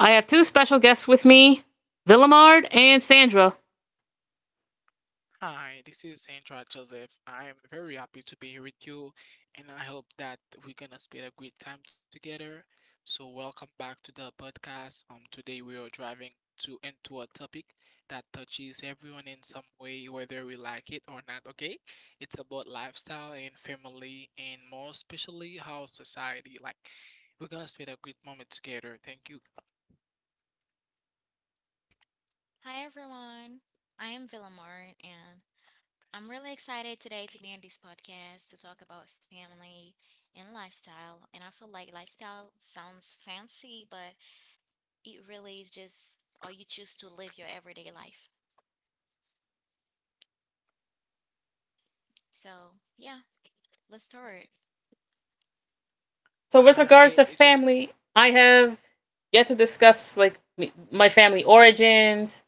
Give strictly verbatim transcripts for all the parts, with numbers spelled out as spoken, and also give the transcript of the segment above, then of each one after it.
I have two special guests with me, Villamard and Sandra. Hi, this is Sandra Joseph. I'm very happy to be here with you, and I hope that we're gonna spend a great time together. So, welcome back to the podcast. Um, today we are driving to into a topic that touches everyone in some way, whether we like it or not. Okay, it's about lifestyle and family, and more especially how society. Like, we're gonna spend a great moment together. Thank you. So, with Uh, regards it, to it's family, I have yet to discuss like my family origins,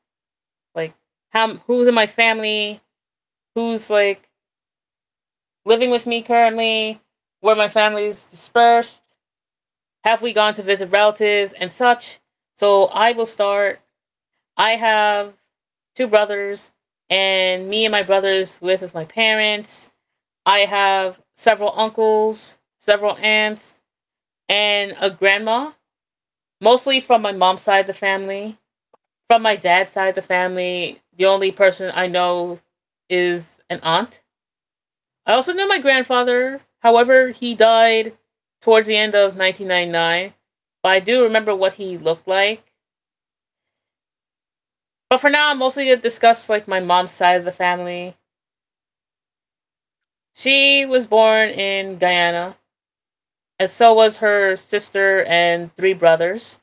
like how who's in my family, who's like living with me currently, where my family is dispersed, have we gone to visit relatives, and such. So, I will start I have two brothers, and me and my brothers live with my parents. I have several uncles, several aunts, and a grandma, mostly from my mom's side of the family. From my dad's side of the family, the only person I know is an aunt. I also know my grandfather. However, he died towards the end of nineteen ninety-nine, but I do remember what he looked like. But for now, I'm mostly going to discuss like my mom's side of the family. She was born in Guyana, and so was her sister and three brothers.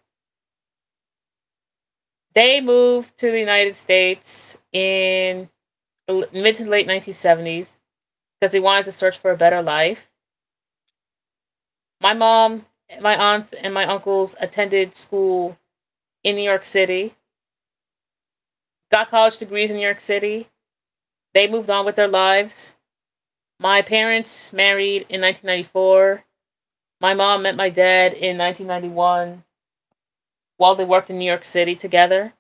They moved to the United States in the mid to late nineteen seventies because they wanted to search for a better life. My mom, my aunt, and my uncles attended school in New York City, got college degrees in New York City. They moved on with their lives. My parents married in nineteen ninety-four. My mom met my dad in nineteen ninety-one while they worked in New York City together.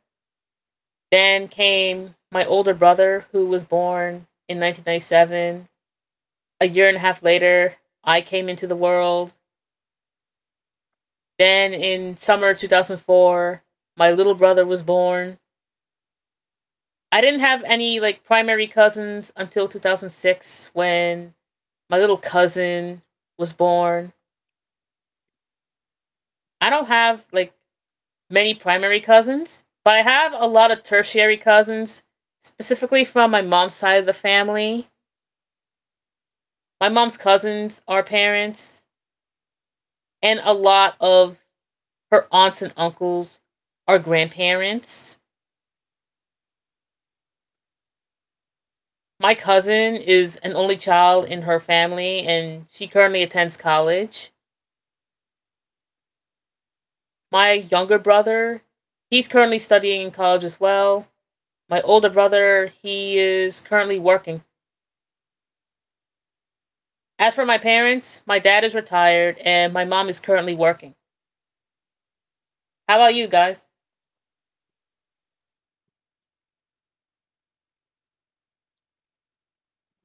Then came my older brother, who was born in nineteen ninety-seven. A year and a half later, I came into the world. Then in summer two thousand four, my little brother was born. I didn't have any like primary cousins until two thousand six when my little cousin was born. I don't have like many primary cousins, but I have a lot of tertiary cousins, specifically from my mom's side of the family. My mom's cousins are parents, and a lot of her aunts and uncles are grandparents. My cousin is an only child in her family, and she currently attends college. My younger brother, he's currently studying in college as well. My older brother, he is currently working. As for my parents, my dad is retired and my mom is currently working. How about you guys?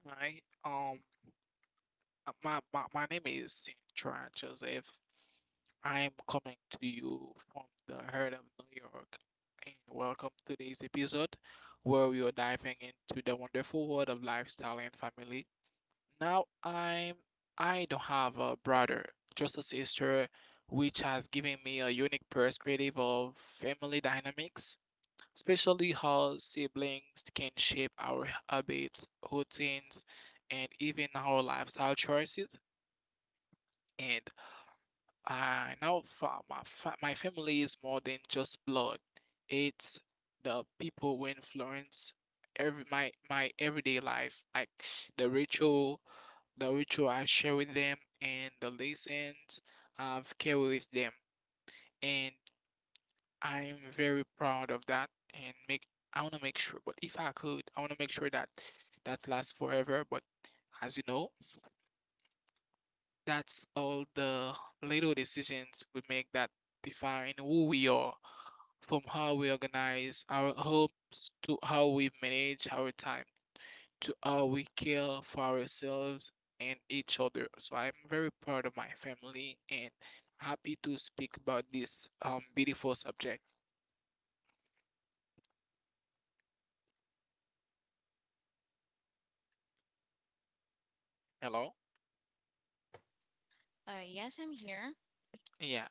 hi. Um, Uh, My, my, my name is Saint Joseph. I'm coming to you from the heart of New York. And welcome to today's episode where we are diving into the wonderful world of lifestyle and family. Now I'm I don't have a brother, just a sister, which has given me a unique perspective of family dynamics, especially how siblings can shape our habits, routines, and even our lifestyle choices. And I know fa my fa my family is more than just blood. It's the people who influence every my my everyday life, like the ritual, the ritual I share with them and the lessons I've carried with them. And I'm very proud of that and make I wanna make sure, but if I could, I wanna make sure that that lasts forever. But as you know, that's all the little decisions we make that define who we are, from how we organize our homes to how we manage our time, to how we care for ourselves and each other. So I'm very proud of my family and happy to speak about this um beautiful subject. Hello? Yeah.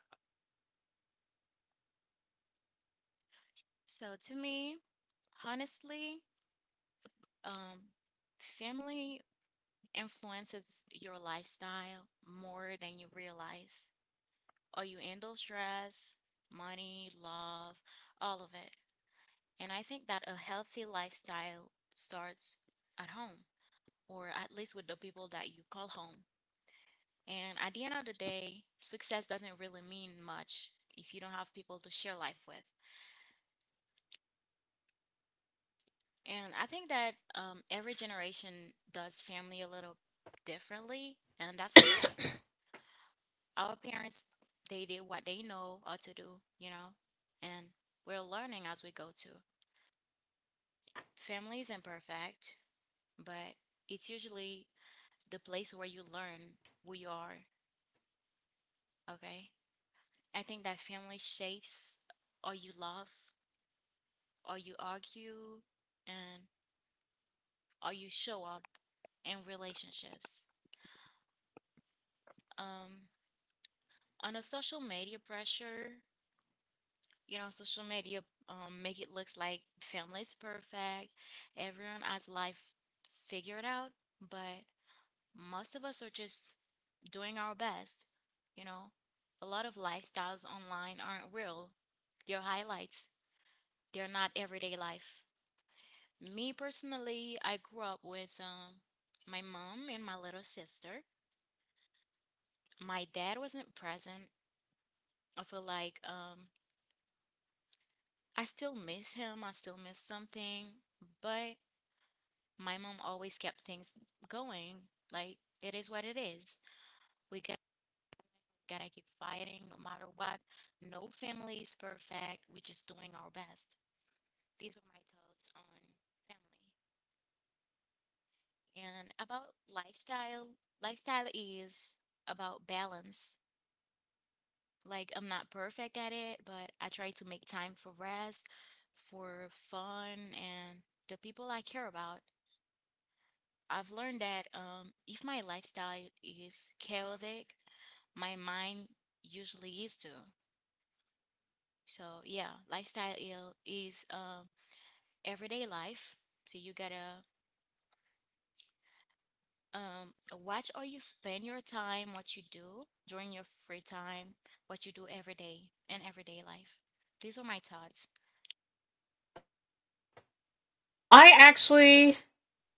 I actually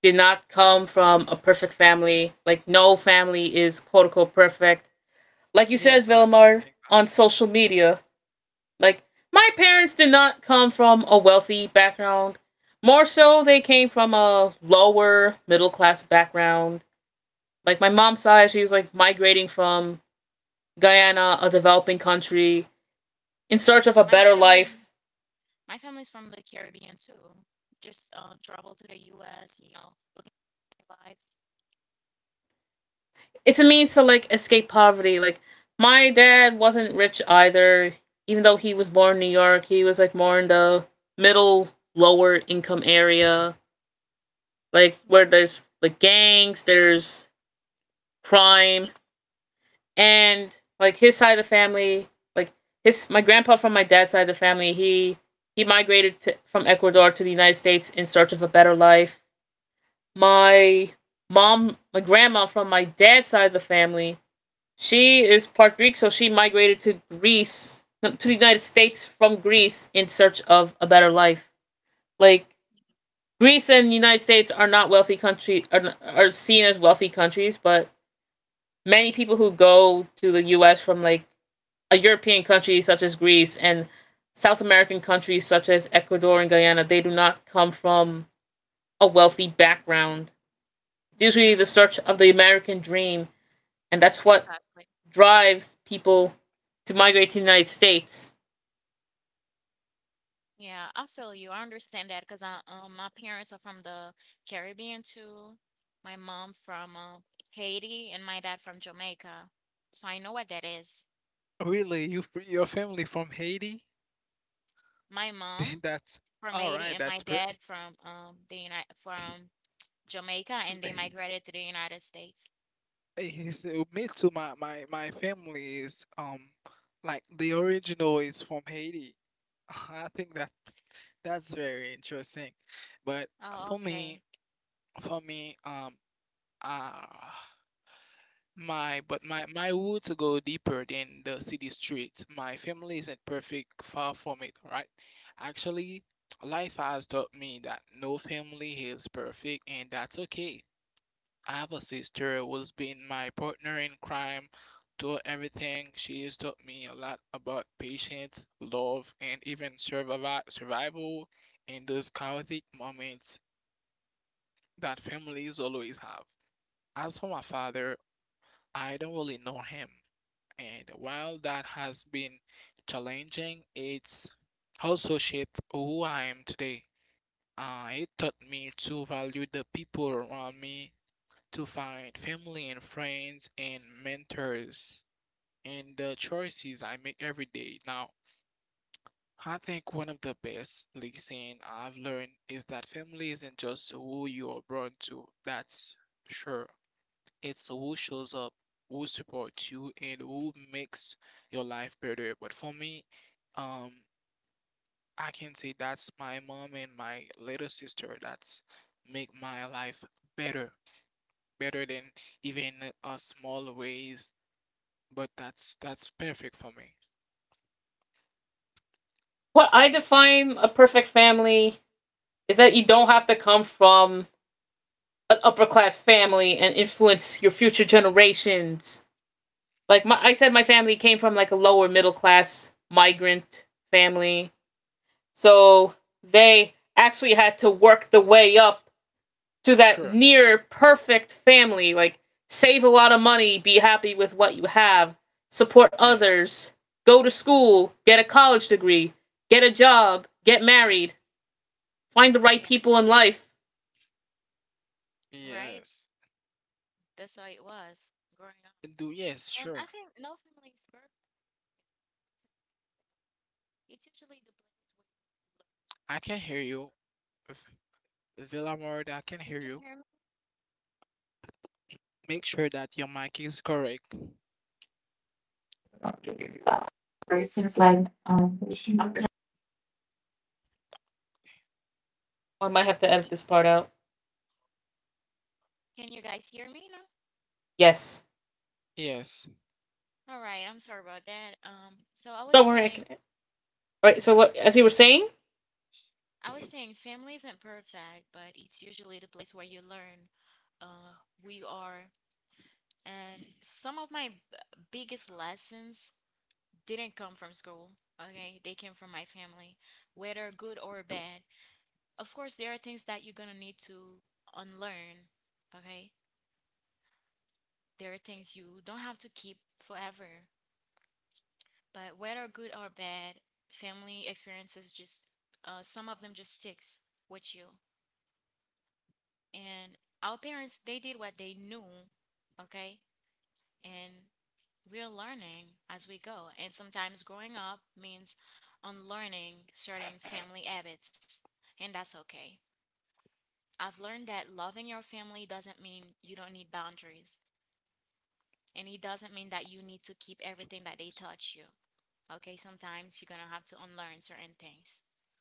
did not come from a perfect family. Like, no family is quote unquote perfect. Like you said, Yes, I, I think Villamar, that. on social media, like my parents did not come from a wealthy background. More so, they came from a lower middle class background. Like my mom's side, she was like migrating from Guyana, a developing country, in search of a better life. It's a means to like escape poverty. Like my dad wasn't rich either, even though he was born in New York. He was like more in the middle, lower income area, like where there's like gangs, there's crime, and like his side of the family, like his my grandpa from my dad's side of the family, he he migrated to, from Ecuador to the United States in search of a better life. My mom, my grandma from my dad's side of the family, she is part Greek, so she migrated to Greece, no, to the United States from Greece in search of a better life. Like Greece and the United States are not wealthy country are, are seen as wealthy countries, but many people who go to the U S from like a European country such as Greece and South American countries such as Ecuador and Guyana, they do not come from a wealthy background. It's usually the search of the American dream, and that's what drives people to migrate to the United States. Really, you free your family from Haiti? That's all right. That's pretty. Is, uh, me too. My, my my family is um like the original is from Haiti. I think that that's very interesting. But for me, for me, um, uh, my but my my wood to go deeper than the city streets. My family isn't perfect, far from it. Right? Actually, life has taught me that no family is perfect, and that's okay. I have a sister who's been my partner in crime through everything. She has taught me a lot about patience, love, and even survival survival in those chaotic moments that families always have. As for my father, I don't really know him, and while that has been challenging, it's also shaped who I am today. Uh, it taught me to value the people around me to find family and friends and mentors and the choices I make every day. Now, I think one of the best lesson I've learned is that family isn't just who you are born to. That's sure. It's who shows up, who supports you, and who makes your life better. But for me, um, I can say that's my mom and my little sister that's make my life better, better than even a small ways. But that's that's perfect for me. What I define a perfect family is that you don't have to come from an upper class family and influence your future generations. Like my, I said, my family came from like a lower middle class migrant family, so they actually had to work the way up to that Sure. near perfect family. Like save a lot of money, be happy with what you have, support Yes. others, go to school, get a college degree, get a job, get married, find the right people in life. Yes. Do yes, sure. I can hear you. V- Villamard, I can hear you. Make sure that your mic is correct. Oh, I might have to edit this part out. Yes, Yes. don't worry, I can Right. So what? As you were saying,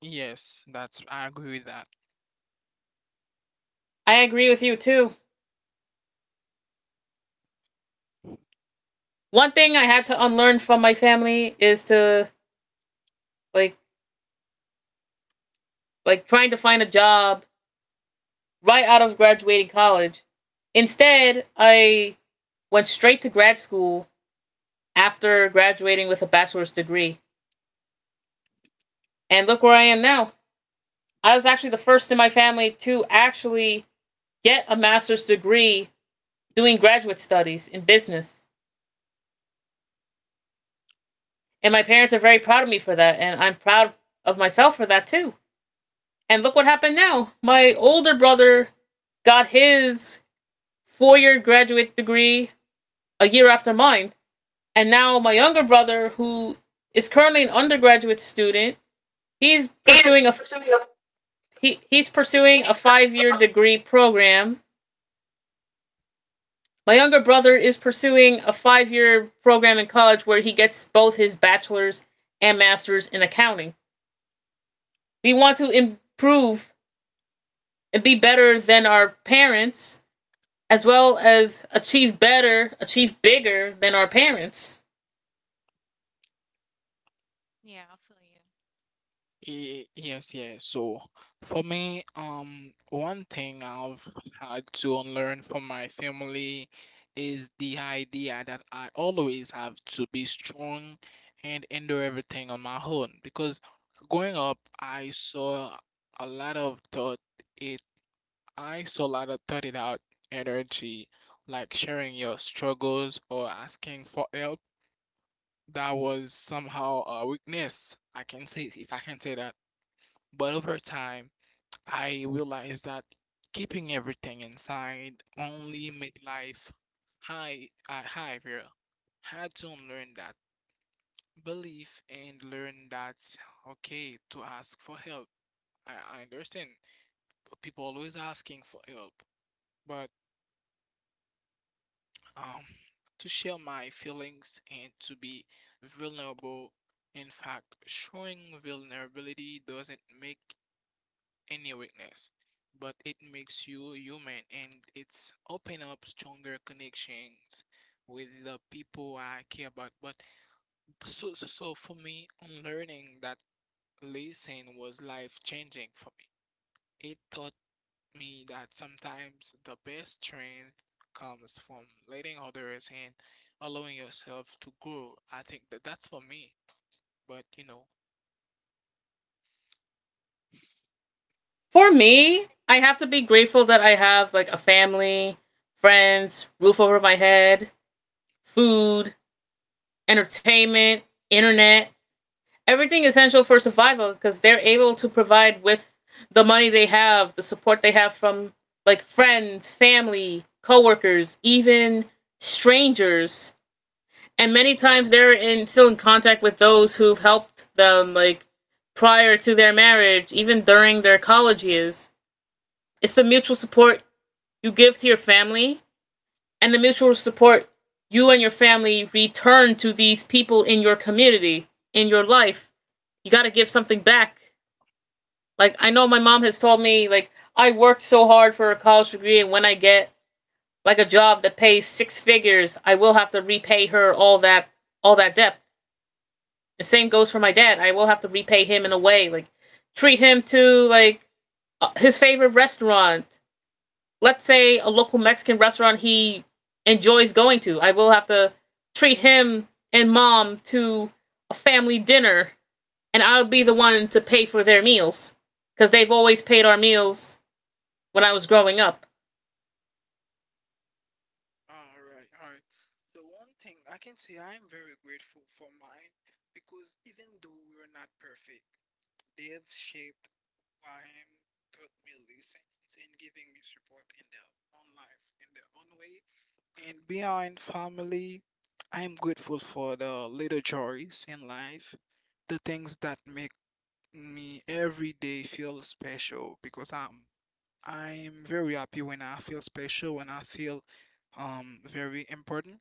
Yes, that's I agree with that. I agree with you too. One thing I had to unlearn from my family is to like like trying to find a job right out of graduating college. Instead, I went straight to grad school after graduating with a bachelor's degree. And look where I am now. I was actually the first in my family to actually get a master's degree doing graduate studies in business. And my parents are very proud of me for that, and I'm proud of myself for that too. And look what happened now. My older brother got his four year graduate degree a year after mine. And now my younger brother, who is currently an undergraduate student, he's Ele, pursuing a por isso, ele, ele, he, he's pursuing a ele, five year degree program. My younger brother is pursuing a five year program in college where he gets both his bachelor's and master's in accounting. We want to improve and be better than our parents as well as achieve better, achieve bigger than our parents. Y- Yes, yes. So for me, um, one thing I've had to unlearn from my family is the idea that I always have to be strong and endure everything on my own. Because growing up, I saw a lot of thought it, I saw a lot of thought it out energy, like sharing your struggles or asking for help. That was somehow a weakness. I can say, if I can say that. But over time, I realized that keeping everything inside only made life high, uh, heavier. Had to unlearn that belief and learn that okay to ask for help. I, I understand people always asking for help, but um, to share my feelings and to be vulnerable. In fact, showing vulnerability doesn't make any weakness, but it makes you human and it's open up stronger connections with the people I care about. But so so, so for me, unlearning that lesson was life changing for me. It taught me that sometimes the best strength comes from letting others and allowing yourself to grow. I think that that's for me. But you know, For me, I have to be grateful that I have like a family, friends, roof over my head, food, entertainment, internet, everything essential for survival because they're able to provide with the money they have, the support they have from like friends, family, coworkers, even strangers, and many times they're in still in contact with those who've helped them, like prior to their marriage, even during their college years. It's the mutual support you give to your family, and the mutual support you and your family return to these people in your community, in your life. You got to give something back. Like, I know my mom has told me, like, I worked so hard for a college degree, and when I get like a job that pays six figures, I will have to repay her all that all that debt. The same goes for my dad. I will have to repay him in a way, like treat him to like uh, his favorite restaurant. Let's say a local Mexican restaurant he enjoys going to. I will have to treat him and mom to a family dinner, and I'll be the one to pay for their meals because they've always paid our meals when I was growing up. all right, all right. So one thing I can say I am very grateful for mine because even though we're not perfect, they've shaped who I am, taught me lessons, and giving me support in their own life, in their own way. And beyond family, I am grateful for the little joys in life, the things that make me every day feel special because I'm I'm very happy when I feel special, when I feel um very important.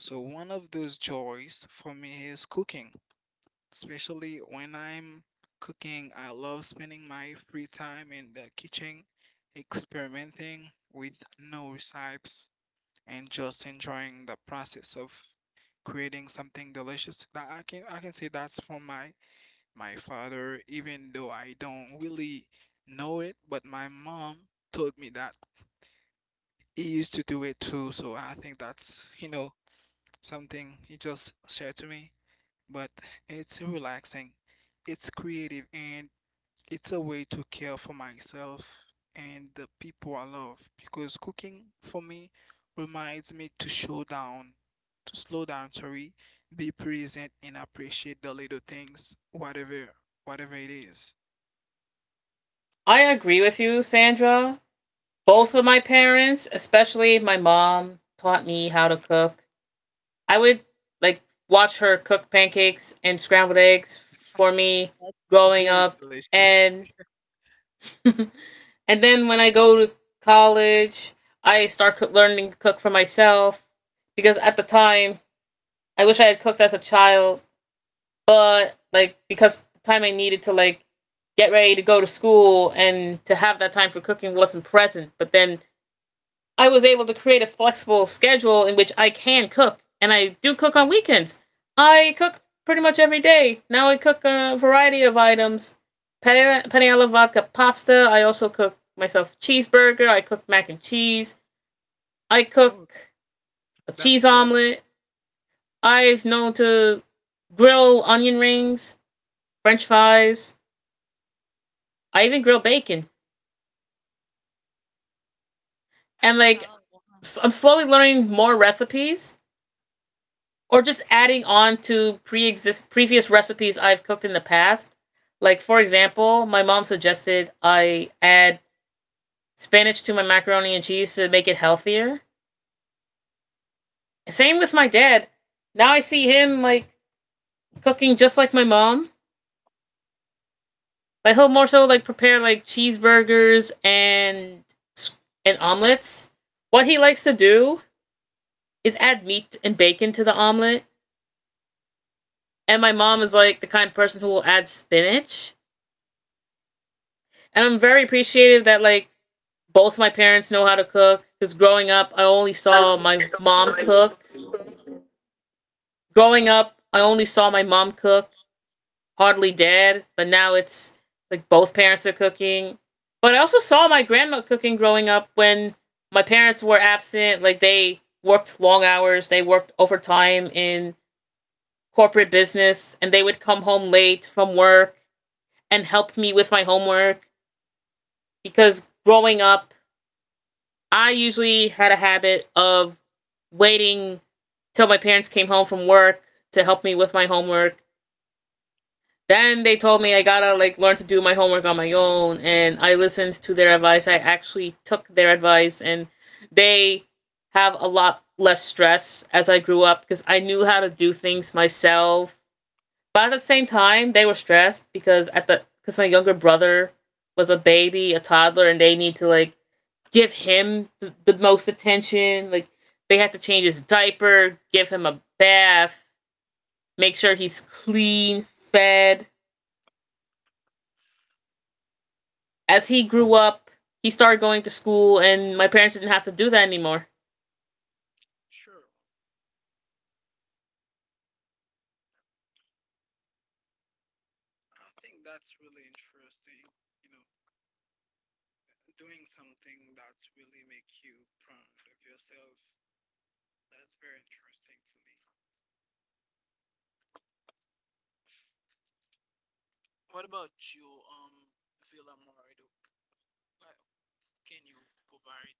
So one of those joys for me is cooking, especially when I'm cooking. I love spending my free time in the kitchen, experimenting with new recipes, and just enjoying the process of creating something delicious. That I can I can say that's from my my father, even though I don't really know it, but my mom told me that he used to do it too. So I think that's, you know, something he just shared to me. But it's relaxing, it's creative, and it's a way to care for myself and the people I love because cooking for me reminds me to slow down, to slow down, sorry, be present and appreciate the little things, whatever, whatever it is. I agree with you, Sandra. Both of Sure. my parents, especially my mom, taught me how to cook. I would like watch her cook pancakes and scrambled eggs for me That's growing very up, delicious. and and then when I go to college, I start co- learning to cook for myself because at the time I wish I had cooked as a child, but like because the time I needed to like get ready to go to school and to have that time for cooking wasn't present. But then I was able to create a flexible schedule in which I can cook, and I do cook on weekends. I cook pretty much every day. Now I cook a variety of items. Penne pane alla vodka pasta. I also cook myself cheeseburger. I cook mac and cheese. I Oh, cook a that's cheese perfect. omelet. I've known to grill onion rings, french fries. I even grill bacon. And like, i I'm slowly learning more recipes or just adding on to pre-exist previous recipes I've cooked in the past. Like for example, my mom suggested I add spinach to my macaroni and cheese to make it healthier. Same with my dad. Now I see him like cooking just like my mom, but he'll more so like prepare like cheeseburgers and and omelets. What he likes to do is add meat and bacon to the omelet, and my mom is like the kind of person who will add spinach. And I'm very appreciative that like both my parents know how to cook because growing up, I only ele, saw ele, my mom ele, ele, cook. Growing up, I only saw my mom cook, hardly dad, but now it's like both parents are cooking. But I also saw my grandma cooking growing up when my parents were absent. Like they worked long hours, they worked overtime in corporate business, and they would come home late from work and help me with my homework because growing up, I usually had a habit of waiting till my parents came home from work to help me with my homework. Then they told me I gotta like learn to do my homework on my own, and I listened to their advice. I actually took their advice, and they have a lot less stress as I grew up because I knew how to do things myself. But at the same time, they were stressed because at the because my younger brother was a baby, a toddler, and they need to like give him the, the most attention. Like they have to change his diaper, give him a bath, make sure he's clean, fed. As he grew up, he started going to school, and my parents didn't have to do that anymore. Sure. I think that's really interesting. You know, doing something that's really make you proud of yourself. That's very interesting for me. What about you, um, Villa Morido? Uh, Can you provide?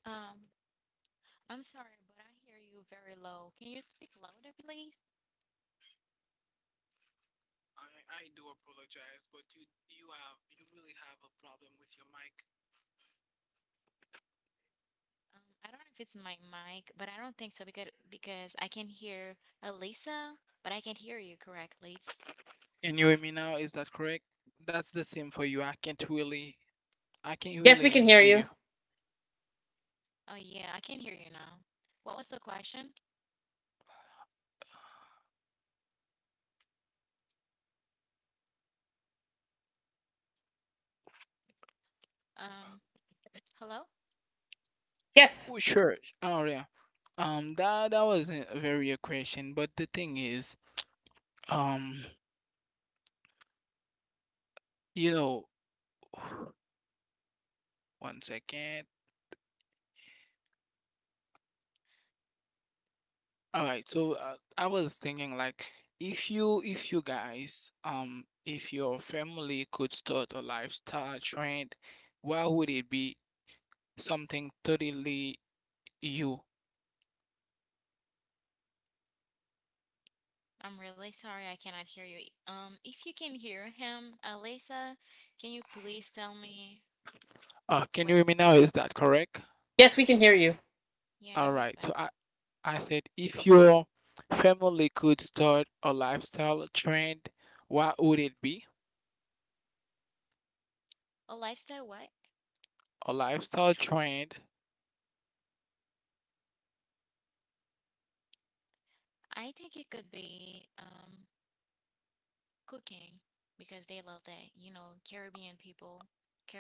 I, I do apologize, but you you have you really have a problem with your mic. Can you hear me now? Is that correct? That's the same for you. I can't really I can't Yes, we can really hear hear you. you. Yes, Oh, sure. Oh yeah. Um, that that wasn't very a question, but the thing is, um, you know, one second. All right, so uh, I was thinking like if you if you guys um if your family could start a lifestyle trend, what would it be? Something totally you. Uh, can you hear me now? Is that correct? yes, we can hear you. All right. So I I said if your family could start a lifestyle trend, what would it be? A lifestyle trend.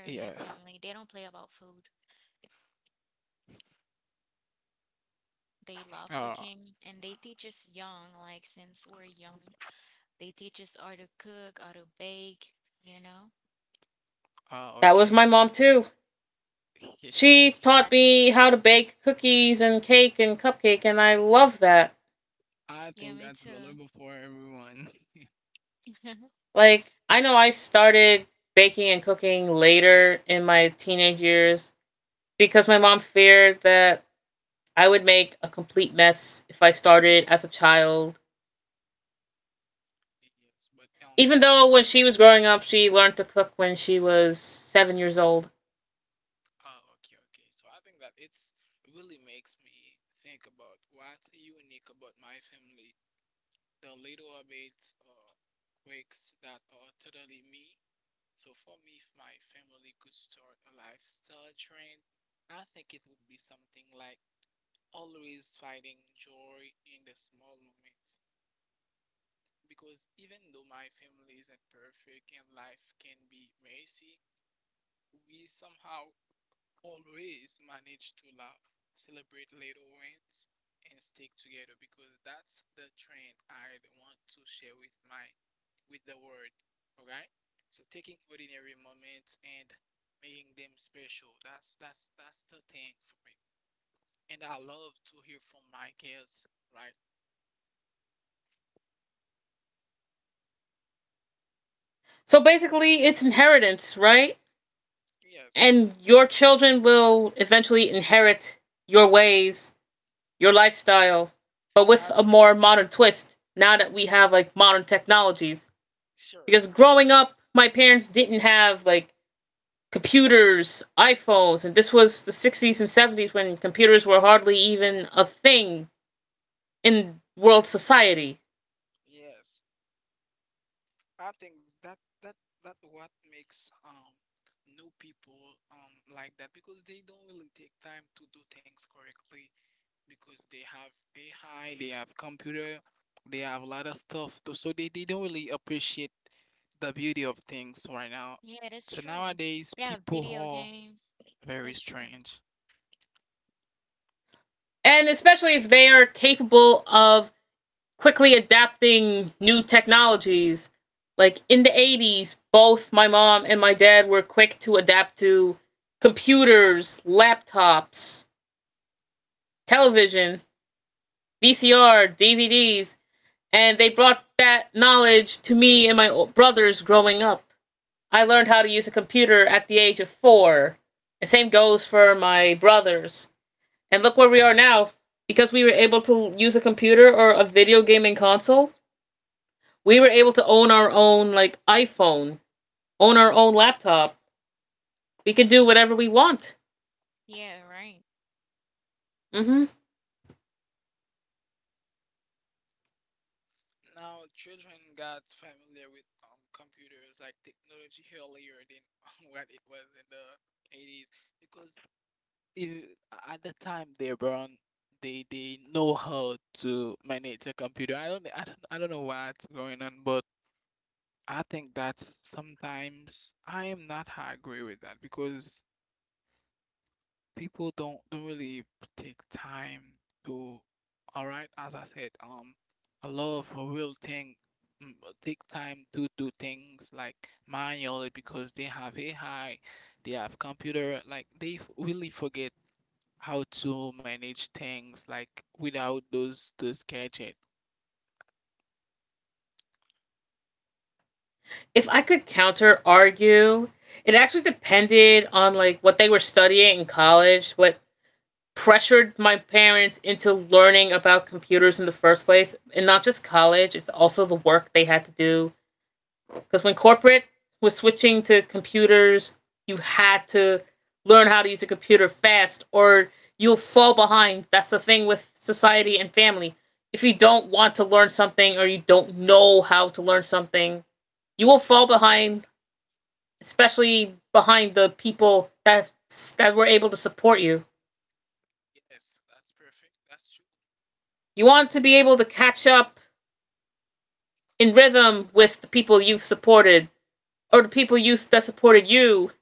Yes. Oh, uh, That was okay, my okay. mom, too. She taught me how to bake cookies and cake and cupcake, and I love that. I think that's valuable for everyone. Like, I know I started baking and cooking later in my teenage years, because my mom feared that I would make a complete mess if I started as a child. Yes, but um, Even though it when she was growing up, she learned to cook when she was seven years old. oh okay, okay. So I think that it's really makes me think about what's unique about my family. The little habits or quirks that are totally me. So for me, if my family could start a lifestyle trend, I think it would be something like always finding joy in the small moments. Because even though my family isn't perfect and life can be messy, we somehow always manage to laugh, celebrate little wins, and stick together because that's the trend I want to share with my with the world. Okay? So taking ordinary moments and making them special. That's that's that's the thing for me. And I love to hear from my kids, right? So basically, it's inheritance, right? Yes. And your children will eventually inherit your ways, your lifestyle, but I with th- a more modern twist now that we have like modern technologies. sure. Because I growing think up, my parents didn't have like computers, iPhones, and this was the sixties and seventies when computers were hardly even a thing in world society. yes. I think that that that what makes um new people um like that because they don't really take time to do things correctly because they have A I, they have computer, they have a lot of stuff to, so they, they don't really appreciate the beauty of things right now. So nowadays people very strange. And especially if they are capable of quickly adapting new technologies. Like in the eighties, both my mom and my dad were quick to adapt to computers, laptops, television, V C R, D V Ds, and they brought that knowledge to me and my brothers growing up. I learned how to use a computer at the age of four. The same goes for my brothers. And look where we are now. Because we were able to use a computer or a video gaming console, we were able to own our own like iPhone, own our own laptop. We could do whatever we want. Mm-hmm. Now, children got familiar with um, computers like technology earlier than what it was in the eighties because you, at the time they run they they know how to manage a computer. I don't I don't I don't know what's going on, but I think that's sometimes I am not I agree with that because people don't don't really take time to all right, as I said, um a lot of real thing mm, take time to do things like manually because they have A I, they have computer, like they f- really forget how to manage things like without those those gadget. If I could counter argue, it actually depended on like what they were studying in college, what pressured my parents into learning about computers in the first place, and not just college, it's also the work they had to do, because when corporate was switching to computers, you had to learn how to use a computer fast, or you'll fall behind. That's the thing with society and family. If you don't want to learn something, or you don't know how to learn something, you will fall behind, especially behind the people that that were able to support you. Yes, that's perfect. That's true. You want to be able to catch up in rhythm with the people you've supported, or the people you that supported you,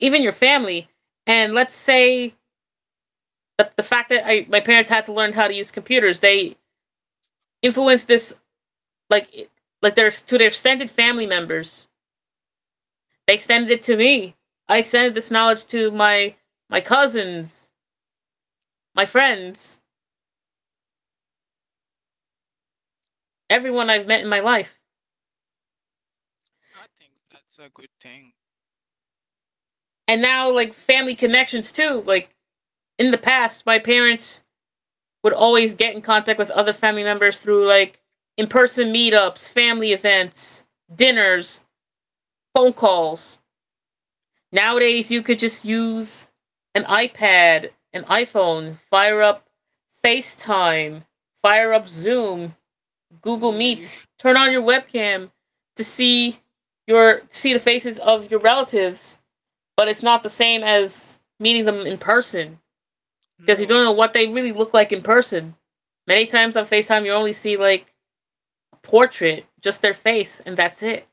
even your family. And let's say that the fact that I, my parents had to learn how to use computers, they influenced this like like their to their extended family members. They extended it to me. I extended this knowledge to my my cousins, my friends, everyone Yeah, I've met in my life. I, I think that's a good thing. And now like family connections too. Like in the past, my parents would always get in contact with other family members through like in person meetups, family events, dinners, phone calls. Nowadays, you could just use an iPad, an iPhone, fire up FaceTime, fire up Zoom, Google Yeah, you, Meets, turn on your webcam to see your see the faces of your relatives, but it's not the same as meeting them in person, because you no, don't know it's what they really look like in person. Many times on FaceTime, you only see like a portrait, just their face, and that's it.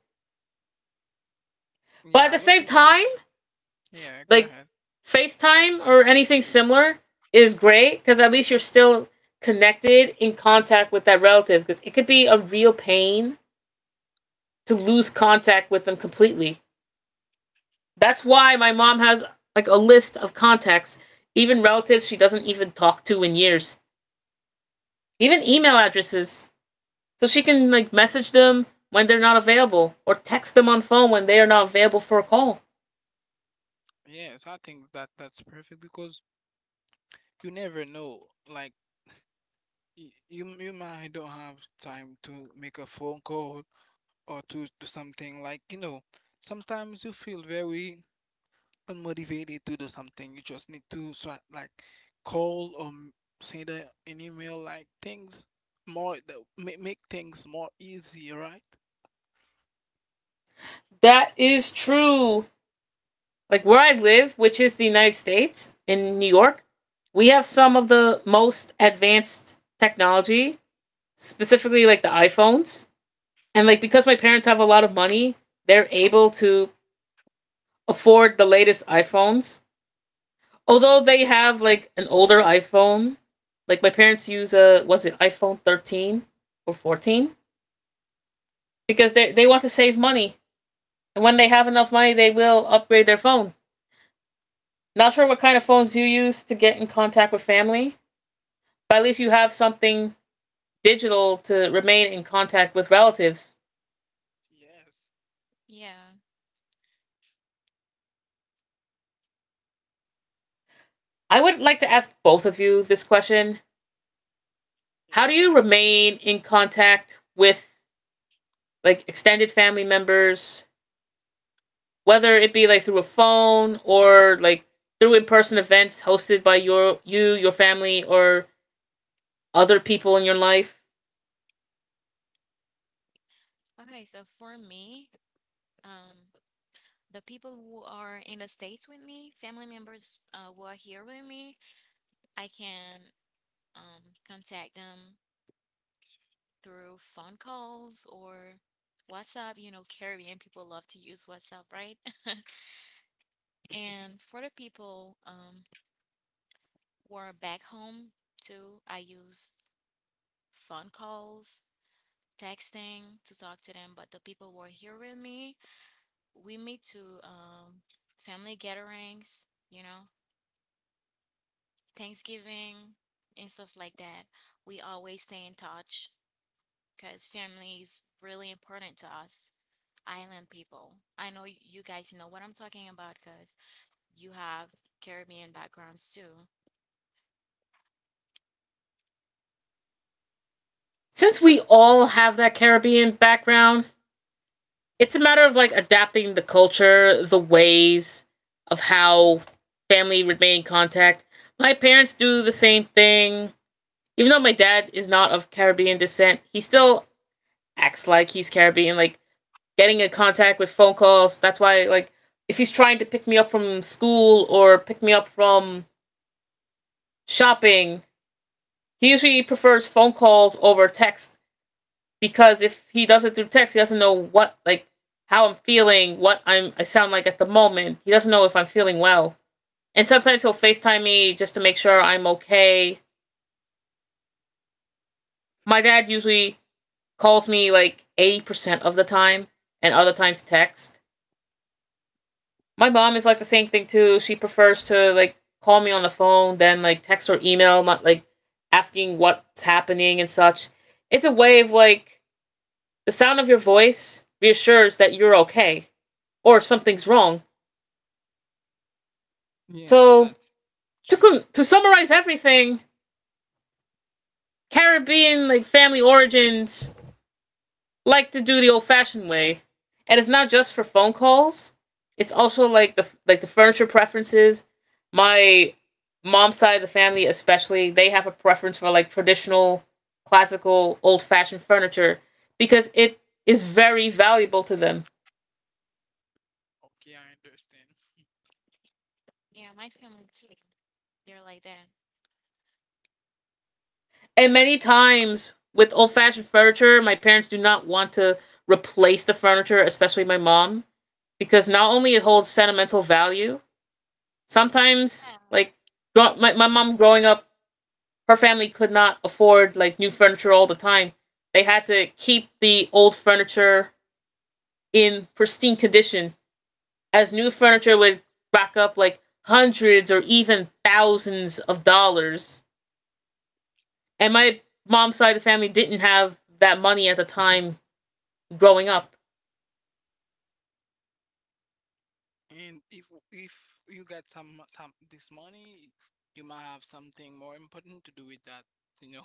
not. But at Yeah, the I don't same think. time, Yeah, go like ahead. FaceTime or anything similar is great, because at least you're still connected in contact with that relative, because it could be a real pain to lose contact with them completely. That's why my mom has like a list of contacts, even relatives she doesn't even talk to in years, even Uh, email yeah, addresses. So she can like message them when they're not available, or text them on phone when they are not available for a call. yes, I think that that's perfect because you never know. Like y- you, you might don't have time to make a phone call or to do something like you know. Sometimes you feel very unmotivated to do something, you just need to so like call or m- send a, an email, like things more that make, make things more easy, right? That is true. Like where I live, which is the United States in New York, we have some of the most advanced technology, specifically like the iPhones. And like because my parents have a lot of money, they're able to afford the latest iPhones. Although they have like an older iPhone, like my parents use a, was it iPhone thirteen or fourteen? Because they they want to save money. And when they have enough money, they will upgrade their phone. Not sure what kind of phones you use to get in contact with family, but at least you have something digital to remain in contact with relatives. Yes. I would like to ask both of you this question. How Yeah. do Go you ahead. remain in contact with like extended family members, whether it be like through a phone, or like through in-person events hosted by your you, your family or other people in your life? Since we all have that Caribbean background, it's a matter of like adapting the culture, the ways of how family remain in contact. My parents do the same thing. Even though my dad is not of Caribbean descent, he still acts like he's Caribbean, like getting in contact with phone calls. That's why like if he's trying to pick me up from school, or pick me up from shopping, he usually prefers phone calls over text, because if he does it through text, he doesn't know what like how I'm feeling, what I'm I sound like at the moment. He doesn't know if I'm feeling well. And sometimes he'll FaceTime me just to make sure I'm okay. My dad usually calls me like eighty percent of the time and other times text. My mom is like the same thing too. She prefers to like call me on the phone than like text or email, not like asking what's happening and such. It's a way of like, the sound of your voice reassures that you're okay or something's wrong. Yes, So, that's true. to, to summarize everything, Caribbean like family origins like to do the old-fashioned way, and it's not just for phone calls. It's also like the like the furniture preferences. My mom's side of the family, especially, they have a preference for like traditional, classical, old-fashioned furniture, because it is very valuable to them. Okay, I understand. And many times with old fashioned furniture, my parents do not want to replace the furniture, especially my mom, because not only it holds sentimental value, sometimes, like, my, my mom growing up, her family could not afford, like, new furniture all the time. They had to keep the old furniture in pristine condition, as new furniture would rack up, like, hundreds or even thousands of dollars. And my mom's side of the family didn't have that money at the time growing up. And if if you got some some this money, you might have something more important to do with that, you know.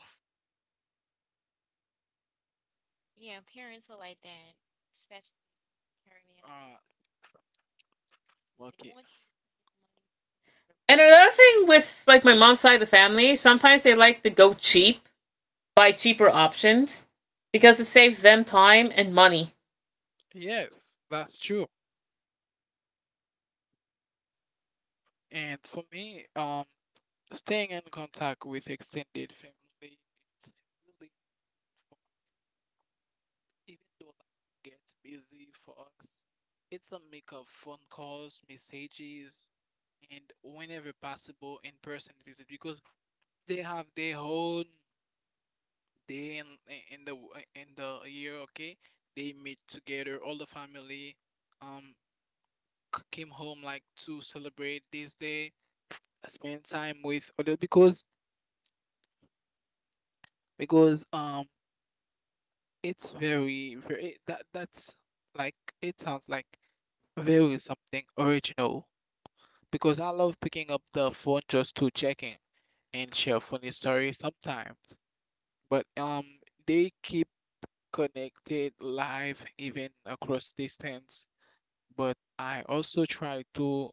Uh, okay. And another thing with like my mom's side of the family, sometimes they like to go cheap, buy cheaper options, because it saves them time and money. Yes, that's true. And for me, um, staying in contact with extended family it's really important. Even though life gets busy for us, it's a mix of phone calls, messages, and whenever possible, in-person visit because they have their own day in in the w- in the year. Okay, they meet together, all the family, um, c- came home like to celebrate this day, spend time with other because because um it's very, very that that's like it sounds like very something original because I love picking up the phone just to check in and share funny stories sometimes. But um, they keep connected live even across distance. But I also try to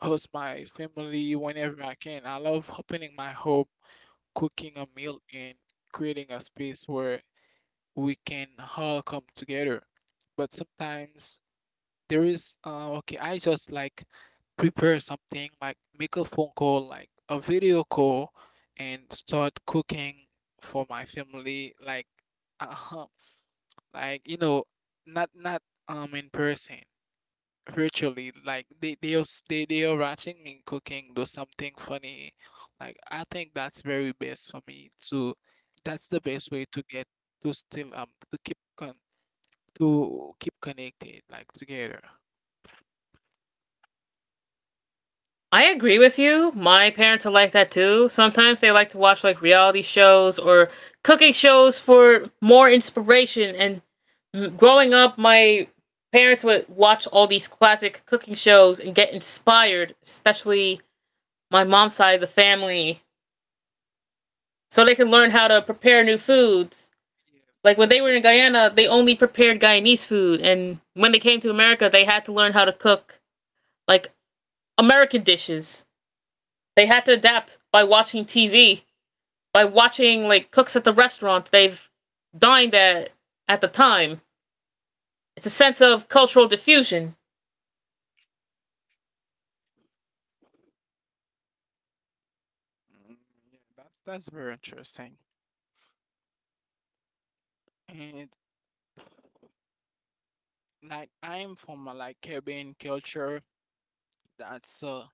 host my family whenever I can. I love opening my home, cooking a meal, and creating a space where we can all come together. But sometimes there is, uh, okay, I just like prepare something, like make a phone call, like a video call, and start cooking for my family, like, uh, like you know, not not um in person, virtually. Like they they are s- they they are watching me cooking, do something funny. Like i think that's very best for me to that's the best way to get to still um to keep con to keep connected, like together. I agree with you. My parents are like that too. Sometimes they like to watch like reality shows or cooking shows for more inspiration. And growing up, my parents would watch all these classic cooking shows and get inspired, especially my mom's side of the family, so they can That learn how to prepare new foods. Like yes, when that's they were the in Guyana, they only prepared Guyanese food, and when they came to America, they had to learn how to cook like American dishes. They had to adapt by watching T V, by watching like cooks at the restaurant they've dined at at the time. It's a sense of cultural diffusion. Mm, yeah, that's that's very interesting. And like I'm from a, like Caribbean culture, that's uh,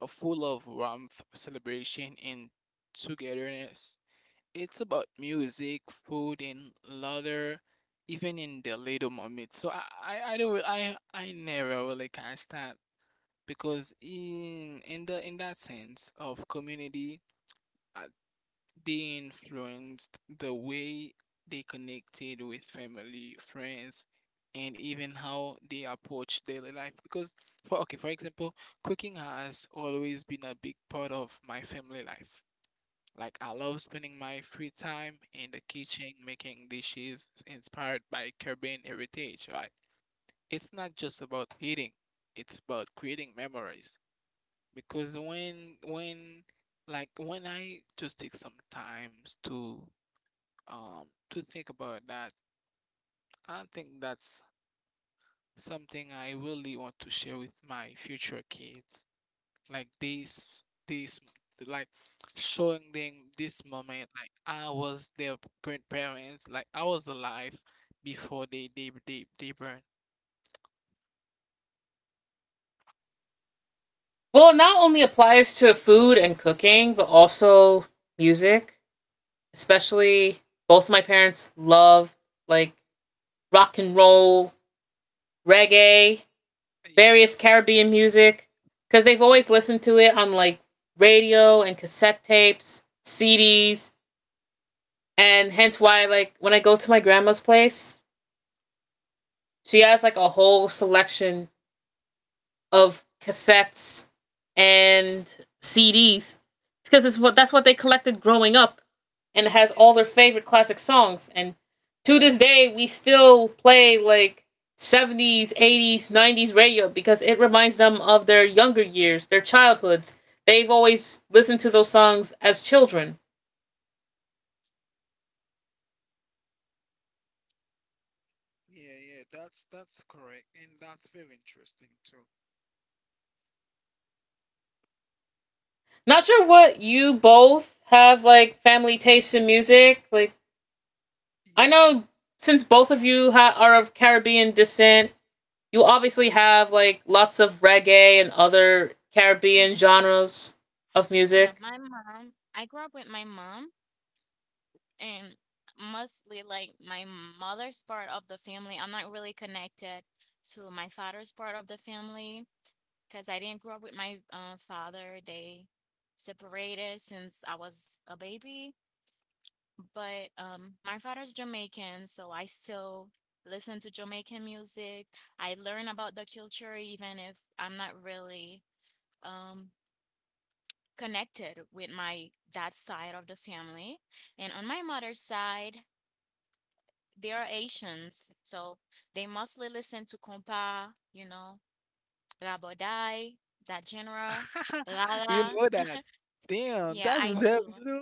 a full of warmth, celebration, and togetherness. It's about music, food, and laughter, even in the little moments. So I, I, I don't, I, I never really catch that because in in the in that sense of community, uh, they influenced the way they connected with family, friends, and even how they approach daily life. Because, for okay, for example, cooking has always been a big part of my family life. Like, I love spending my free time in the kitchen making dishes inspired by Caribbean heritage, right? It's not just about eating, it's about creating memories. Because when, when, like when I just take some times to um to think about that. I think that's something I really want to share with my future kids. Like this this like showing them this moment, like I was their grandparents, like I was alive before they they they, they burned. Well, it not only applies to food and cooking, but also music. Especially both my parents loved like rock and roll, reggae, Yeah, various Caribbean music, because they've always listened to it on like radio and cassette tapes, C Ds, and hence why like when I go to my grandma's place, she has like a whole selection of cassettes and C Ds, because it's what that's what they collected growing up, and it has yeah, all their favorite classic songs. And to this day, we still play like seventies, eighties, nineties radio, because it reminds them of their younger years, their childhoods. They've always listened to those songs as children. yeah, yeah. That's that's correct, and that's very interesting too. Not sure what you both have like family tastes in music. Like I know Yes, since both of you ha- are of Caribbean descent, you obviously have like lots of reggae and other Caribbean genres of music. you know that. Damn, that's very low.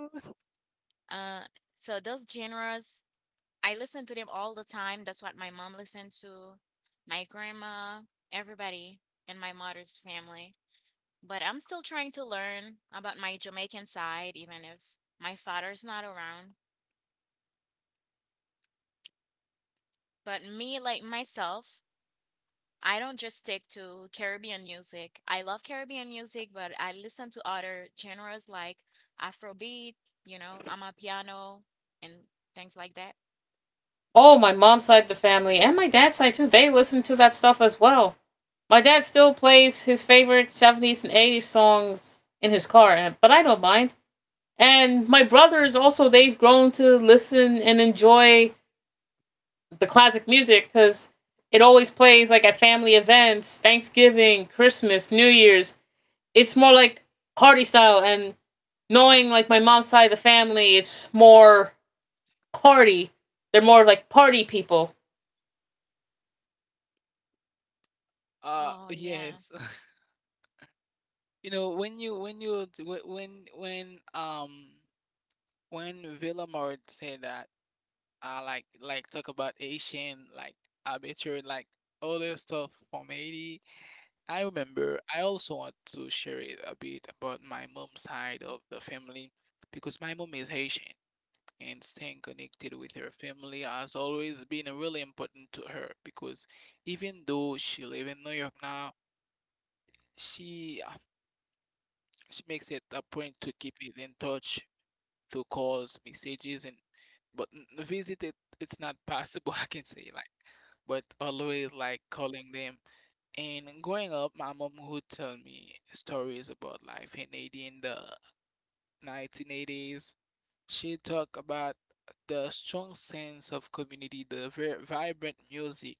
Oh, my mom's side of the family and my dad's side too, they listen to that stuff as well. My dad still plays his favorite seventies and eighties songs in his car, and- but I don't mind. And my brothers also, they've grown to listen and enjoy the classic music, because it always plays like at family events, Thanksgiving, Christmas, New Year's. It's more like party style, and knowing like my mom's side of the family, it's more party, they're more like party people. Uh, yes. You know, when you when you t- wh- when when um when Villamart said that uh like like talk about Asian like arbitrary like all this stuff from Haiti, I remember I also want to share it a bit about my mom's side of the family because my mom is Haitian and staying connected with her family has always been really important to her because even though she live in New York now, she uh, she makes it a point to keep it in touch to calls, messages, and but n- visit it, it's not possible. I can say like, but always like calling them. And growing up, my mom would tell me stories about life in Haiti in the nineteen eighties. She talked about the strong sense of community, the ver- vibrant music,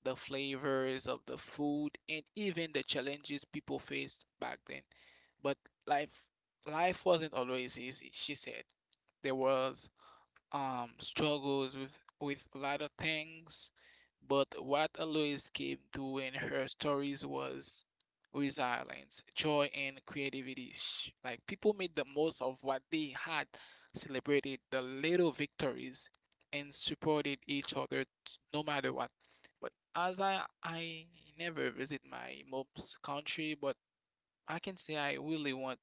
the flavors of the food, and even the challenges people faced back then. But life, life wasn't always easy. She said there was um struggles with with a lot of things, but what Alois came through in her stories was resilience, joy, and creativity. Sh- Like people made the most of what they had, celebrated the little victories, and supported each other t- no matter what. But as I I never visit my mom's country, but I can say I really want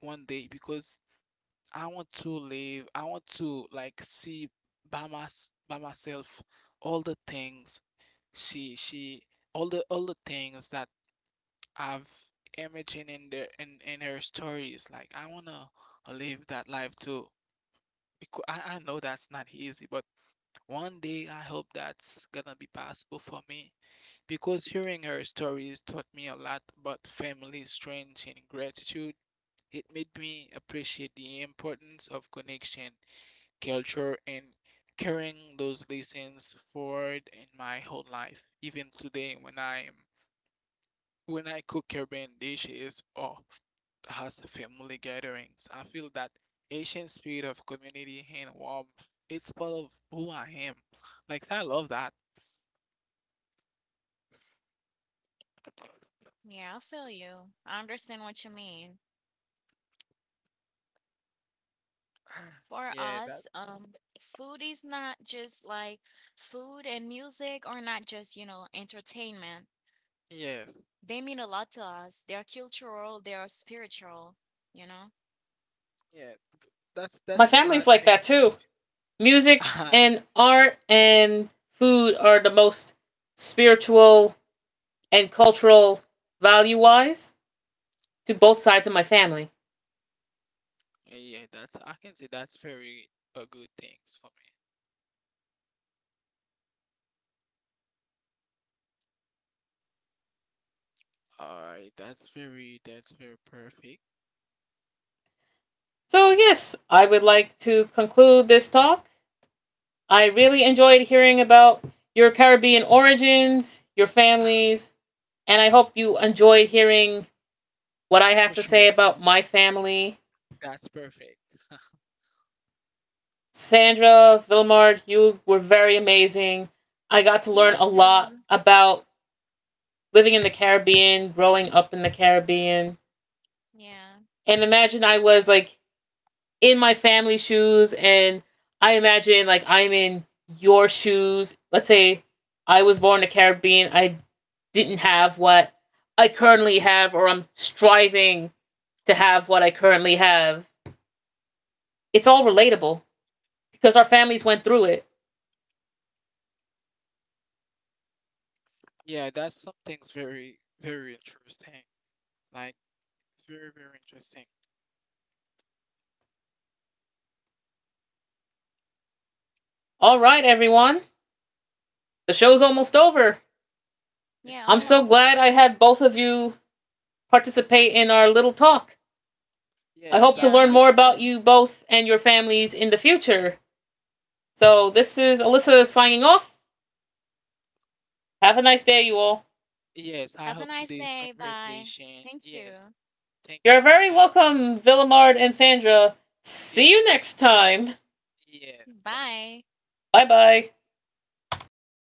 one day because I want to live, I want to like see by my by myself all the things she she all the all the things that I've imagined in the in, in her stories. Like I wanna live that life too. Because I, I know that's not easy, but one day I hope that's gonna be possible for me. Because hearing her stories taught me a lot about family, strength, and gratitude. It made me appreciate the importance of connection, culture, and carrying those lessons forward in my whole life. Even today when I'm when I cook Caribbean dishes or has family gatherings, I feel that Asian spirit of community and warmth. It's part of who I am. Like I love that. Yeah, that yes. Yeah. That's that's My what family's make like that too. Music and art and food are the most spiritual and cultural value wise to both sides of my family. yeah, that's I can say that's very a good things for me. Alright, that's very that's very perfect. So yes, I would like to conclude this talk. I really enjoyed hearing about your Caribbean origins, your families, and I hope you enjoyed hearing what I For have to sure. say about my family. That's perfect. Sandra, Villemard, you were very amazing. I got to learn a lot about living in the Caribbean, growing up in the Caribbean. And imagine I was like in my family shoes, and I imagine like I'm in your shoes. Let's say I was born in the Caribbean. I didn't have what I currently have, or I'm striving to have what I currently have. It's all relatable because our families went through it. Yeah, that's something's very, very interesting. Like, it's very, very interesting. All right, everyone. The show's almost over. I'm Yes, so glad I had both of you participate in our little talk. I yes, hope to that learn was. more about you both and your families in the future. So, this is Alyssa signing off. Have a nice day, you all. Yes, I hope today's conversation. Yes, thank You're you. very And I welcome, Villamard and Sandra. see See you you too. next time. Yes, bye. Bye bye.